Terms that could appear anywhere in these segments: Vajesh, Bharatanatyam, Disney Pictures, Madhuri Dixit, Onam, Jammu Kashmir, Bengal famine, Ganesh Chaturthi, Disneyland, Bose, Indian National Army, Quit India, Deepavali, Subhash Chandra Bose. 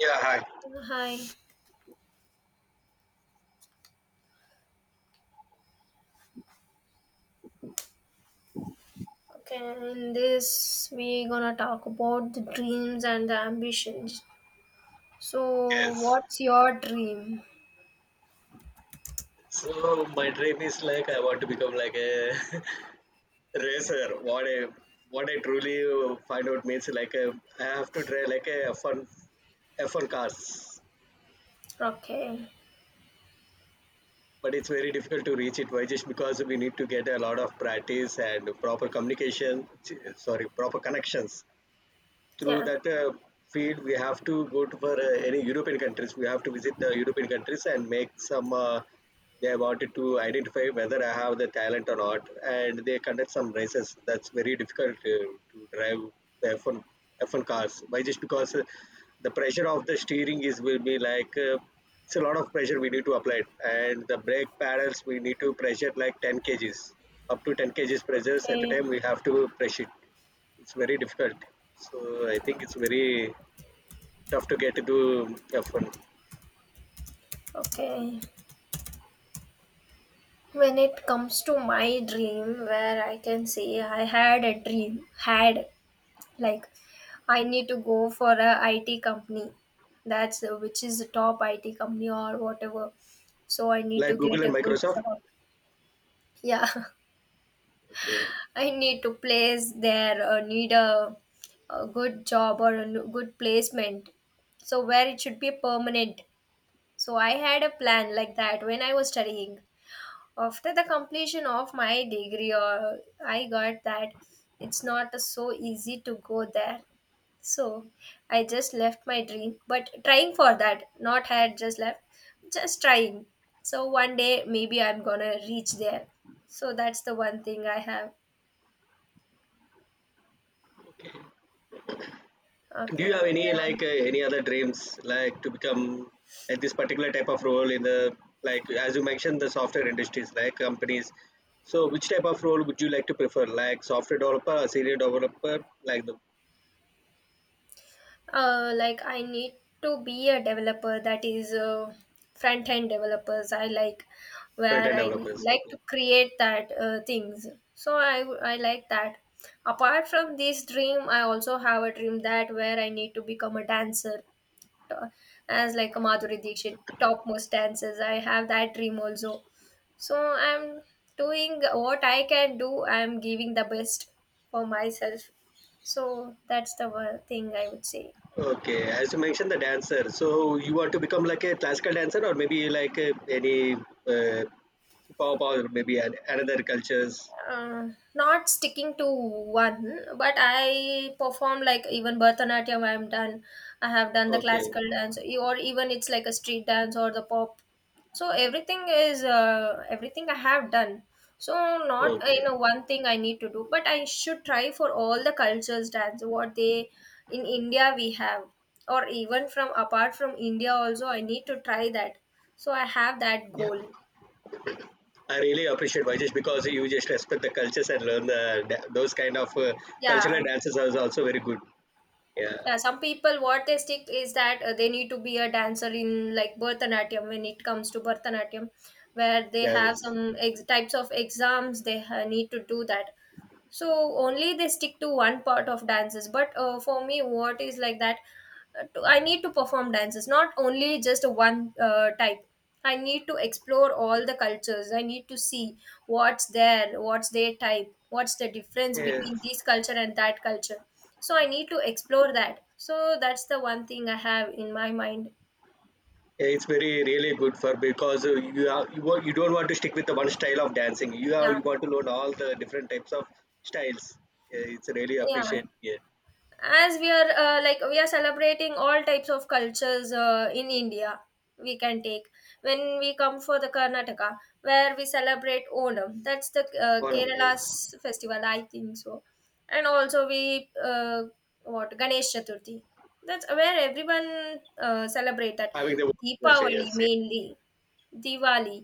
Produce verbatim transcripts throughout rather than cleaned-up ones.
Yeah, hi. Hi. Okay, in this we gonna talk about the dreams and the ambitions. So, Yes. what's your dream? So my dream is like I want to become like a racer. What I what I truly find out means like a, I have to try like a F one F one cars, Okay. but it's very difficult to reach it. Why? Just because we need to get a lot of practice and proper communication. Sorry, proper connections through Yeah. that uh, field we have to go to. For uh, any European countries, we have to visit the European countries and make some uh, they wanted to identify whether I have the talent or not, and they conduct some races. That's very difficult uh, to drive the F one F one cars. Why? Just because uh, the pressure of the steering is, will be like uh, it's a lot of pressure we need to apply, and the brake pedals we need to pressure like ten kgs, up to ten kgs pressures at a Okay. time we have to press it. It's very difficult. So I think it's very tough to get into F one. Okay. When it comes to my dream, where I can say I had a dream, had like I need to go for a I T company. That's uh, which is the top I T company or whatever. So I need Like to Google get and a good Microsoft. job. Yeah. Okay. I need to place there or need a, a good job or a n- good placement. So where it should be permanent. So I had a plan like that when I was studying. After the completion of my degree or I got that it's not so easy to go there. So I just left my dream but trying for that not had just left just trying. So one day maybe I'm gonna reach there. So that's the one thing I have. Do you Okay, have any yeah. like uh, any other dreams, like to become at this particular type of role in the, like, as you mentioned, the software industries, like companies. So which type of role would you like to prefer? Like software developer or senior developer, like the Uh, like I need to be a developer that is uh, front end developers. I like front where end I developers. like Okay. to create that uh, things. So I I like that. Apart from this dream, I also have a dream that where I need to become a dancer. uh, as like a Madhuri Dixit topmost dances. I have that dream also. So I'm doing what I can do. I'm giving the best for myself. So that's the one thing I would say. Okay, as you mentioned, the dancer. So you want to become like a classical dancer, or maybe like a, any uh, Paw Paw maybe and another cultures. uh, Not sticking to one, but I perform like even Bharatanatyam, I'm done, I have done the Okay, classical dance, or even it's like a street dance or the pop. So everything is uh, everything I have done. So not uh, you okay, know one thing I need to do, but I should try for all the cultures dance what they in India we have, or even from apart from India also I need to try that. So I have that yeah. goal. I really appreciate Vajesh because you just respect the cultures and learn the da- those kind of uh, Yeah. cultural dances are also very good. Yeah, Yeah, some people what they stick is that uh, they need to be a dancer in like Bharatanatyam. When it comes to Bharatanatyam, where they have yes, some ex- types of exams they ha- need to do that. So only they stick to one part of dances, but uh, for me what is like that, uh, to- I need to perform dances, not only just one uh, type. I need to explore all the cultures. I need to see what's there, what's their type, what's the difference between yes. this culture and that culture. So I need to explore that. So that's the one thing I have in my mind. Yeah, it's very really good for because uh, you are you, wa- you don't want to stick with the one style of dancing. You are Yeah, you want to learn all the different types of styles. Yeah, it's really yeah, appreciate. Yeah, as we are uh, like we are celebrating all types of cultures uh, in India. We can take when we come for the Karnataka where we celebrate Onam, that's the uh, one of Kerala's yes festival I think so. And also we uh, what Ganesh Chaturthi, that's where everyone uh, celebrate that. having the culture. Deepavali Yes, mainly, Diwali.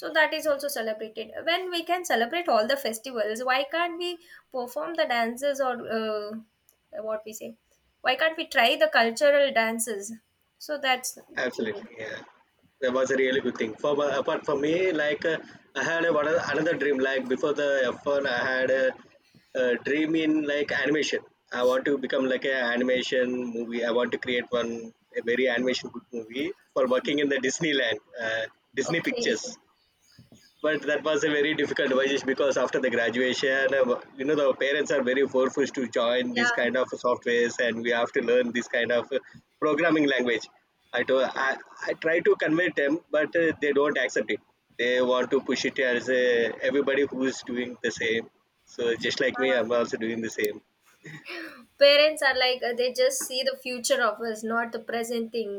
So that is also celebrated. When we can celebrate all the festivals, why can't we perform the dances or uh, what we say? Why can't we try the cultural dances? So that's the thing. absolutely, yeah. That was a really good thing. For but apart from me, like uh, I had a, one other- another dream. Like before the F one, I had a, a dream in like animation. I want to become like an animation movie. I want to create one a very animation good movie for working in the Disneyland, uh, Disney Okay. Pictures, but that was a very difficult decision. Because after the graduation, uh, you know the parents are very forceful to join these Yeah. kind of softwares, and we have to learn this kind of uh, programming language. i do i, I try to convey them, but uh, they don't accept it. They want to push it as uh, everybody who is doing the same, so just like me, Uh, I'm also doing the same. Parents are like uh, they just see the future of us, not the present thing.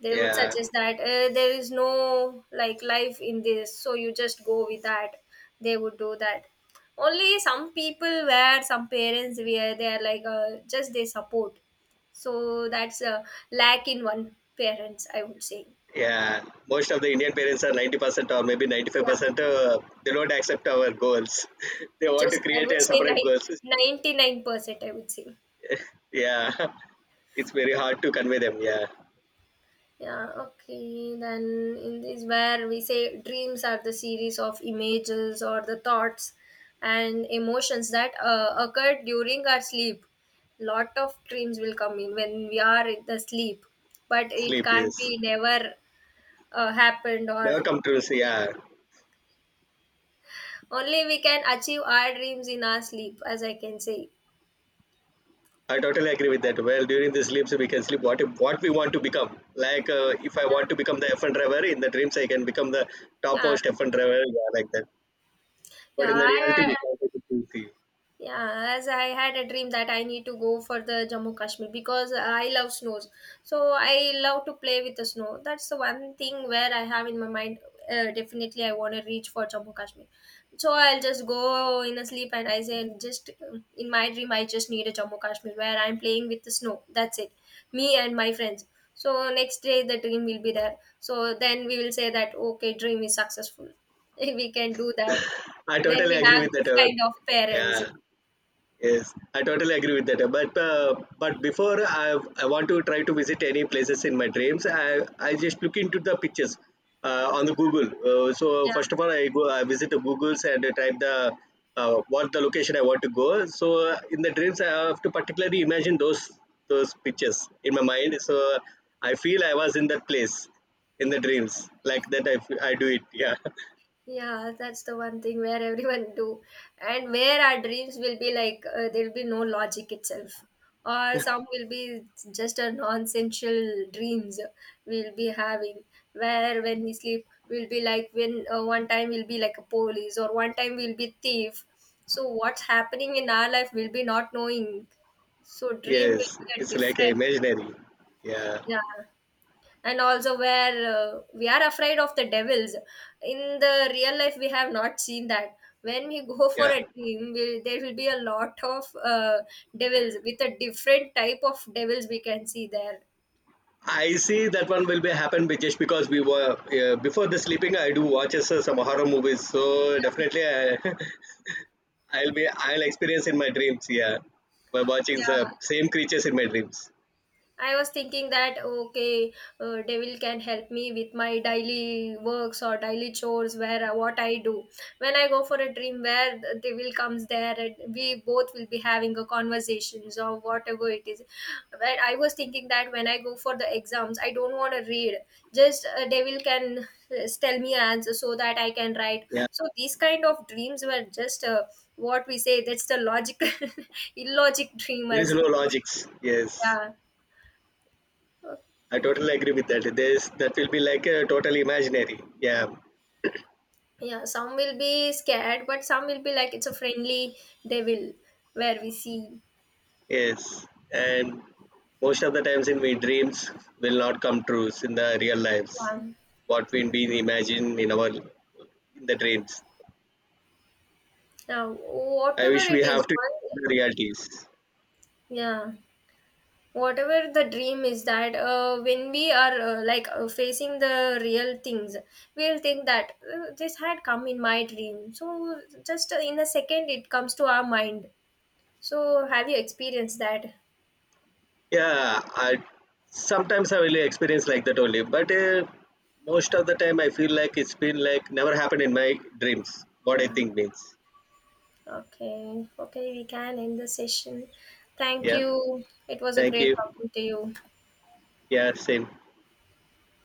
They would Yeah, suggest that uh, there is no like life in this, so you just go with that. They would do that. Only some people where some parents where they are like uh, just they support. So that's a lack in one parents I would say. yeah, most of the Indian parents are ninety percent or maybe Yeah, ninety-five percent uh, they don't accept our goals. They want just to I create would a say separate ni- goals. ninety-nine percent I would say. Yeah, it's very hard to convey them. Yeah, Yeah, okay. Then in this where we say dreams are the series of images or the thoughts and emotions that uh, occur during our sleep. Lot of dreams will come in when we are in the sleep, but it sleep can't is be never uh, happened, or never come true. So yeah, only we can achieve our dreams in our sleep, as I can say. I totally agree with that. Well, during the sleeps we can sleep what what we want to become. Like uh, if I want Yeah, to become the F one driver in the dreams, I can become the yeah, topmost F one driver. Yeah, like that. But in the yeah. reality, I, we can't do it. yeah, as I had a dream that I need to go for the Jammu Kashmir because I love snows. So I love to play with the snow. That's the one thing where I have in my mind. Uh, definitely, I want to reach for Jammu Kashmir. So I'll just go in a sleep and I say, just uh, in my dream, I just need a Jammu Kashmir where I'm playing with the snow. That's it. Me and my friends. So next day, the dream will be there. So then we will say that okay, dream is successful. We can do that I when totally we agree have with that. these uh, kind of parents. Yeah. Yes, I totally agree with that. But uh, but before I I want to try to visit any places in my dreams. I I just look into the pictures uh, on the Google. Uh, so Yeah, first of all, I go I visit the Google's and I type the uh, what the location I want to go. So uh, in the dreams, I have to particularly imagine those those pictures in my mind. So I feel I was in that place in the dreams like that. I, f- I do it. Yeah. yeah, that's the one thing where everyone do, and where our dreams will be like uh, there'll be no logic itself, or some will be just a nonsensical dreams we'll be having. Where when we sleep, we'll be like when uh, one time we'll be like a police, or one time we'll be thief. So what's happening in our life, we'll be not knowing. So dream will Yes, be a it's like different. imaginary. Yeah. Yeah, and also where uh, we are afraid of the devils. In the real life we have not seen that. When we go for Yeah. a dream will there will be a lot of uh, devils, with a different type of devils we can see there. I see that one will be happen be- just because we were uh, before the sleeping. I do watch uh, some horror movies, so definitely I, I'll be I'll experience in my dreams. Yeah, by watching the same creatures in my dreams. I was thinking that okay, uh, devil can help me with my daily works or daily chores where uh, what I do. When I go for a dream where the devil comes there and we both will be having a conversations or whatever it is. But I was thinking that when I go for the exams, I don't want to read. Just a devil can uh, tell me answer so that I can write. Yeah, So these kind of dreams were just uh, what we say. That's the logical, illogic dream there is as no well. logics. Yes, Yeah. I totally agree with that. There's that will be like a total imaginary. Yeah, Yeah, some will be scared, but some will be like it's a friendly devil where we see. yes, and most of the times in my dreams will not come true in the real lives. Yeah. What we been imagine in our in the dreams, Now, I whatever wish it we is, have to accept one, the realities. yeah, whatever the dream is that uh, when we are uh, like uh, facing the real things, we'll think that uh, this had come in my dream. So, just in a second, it comes to our mind. So, have you experienced that? Yeah, I sometimes I really experience like that only, but uh, most of the time I feel like it's been like never happened in my dreams. What I Yeah. think means. Okay. Okay, we can end the session. Thank Yeah. you. It was a Thank great you. talking to you. Yeah. Same.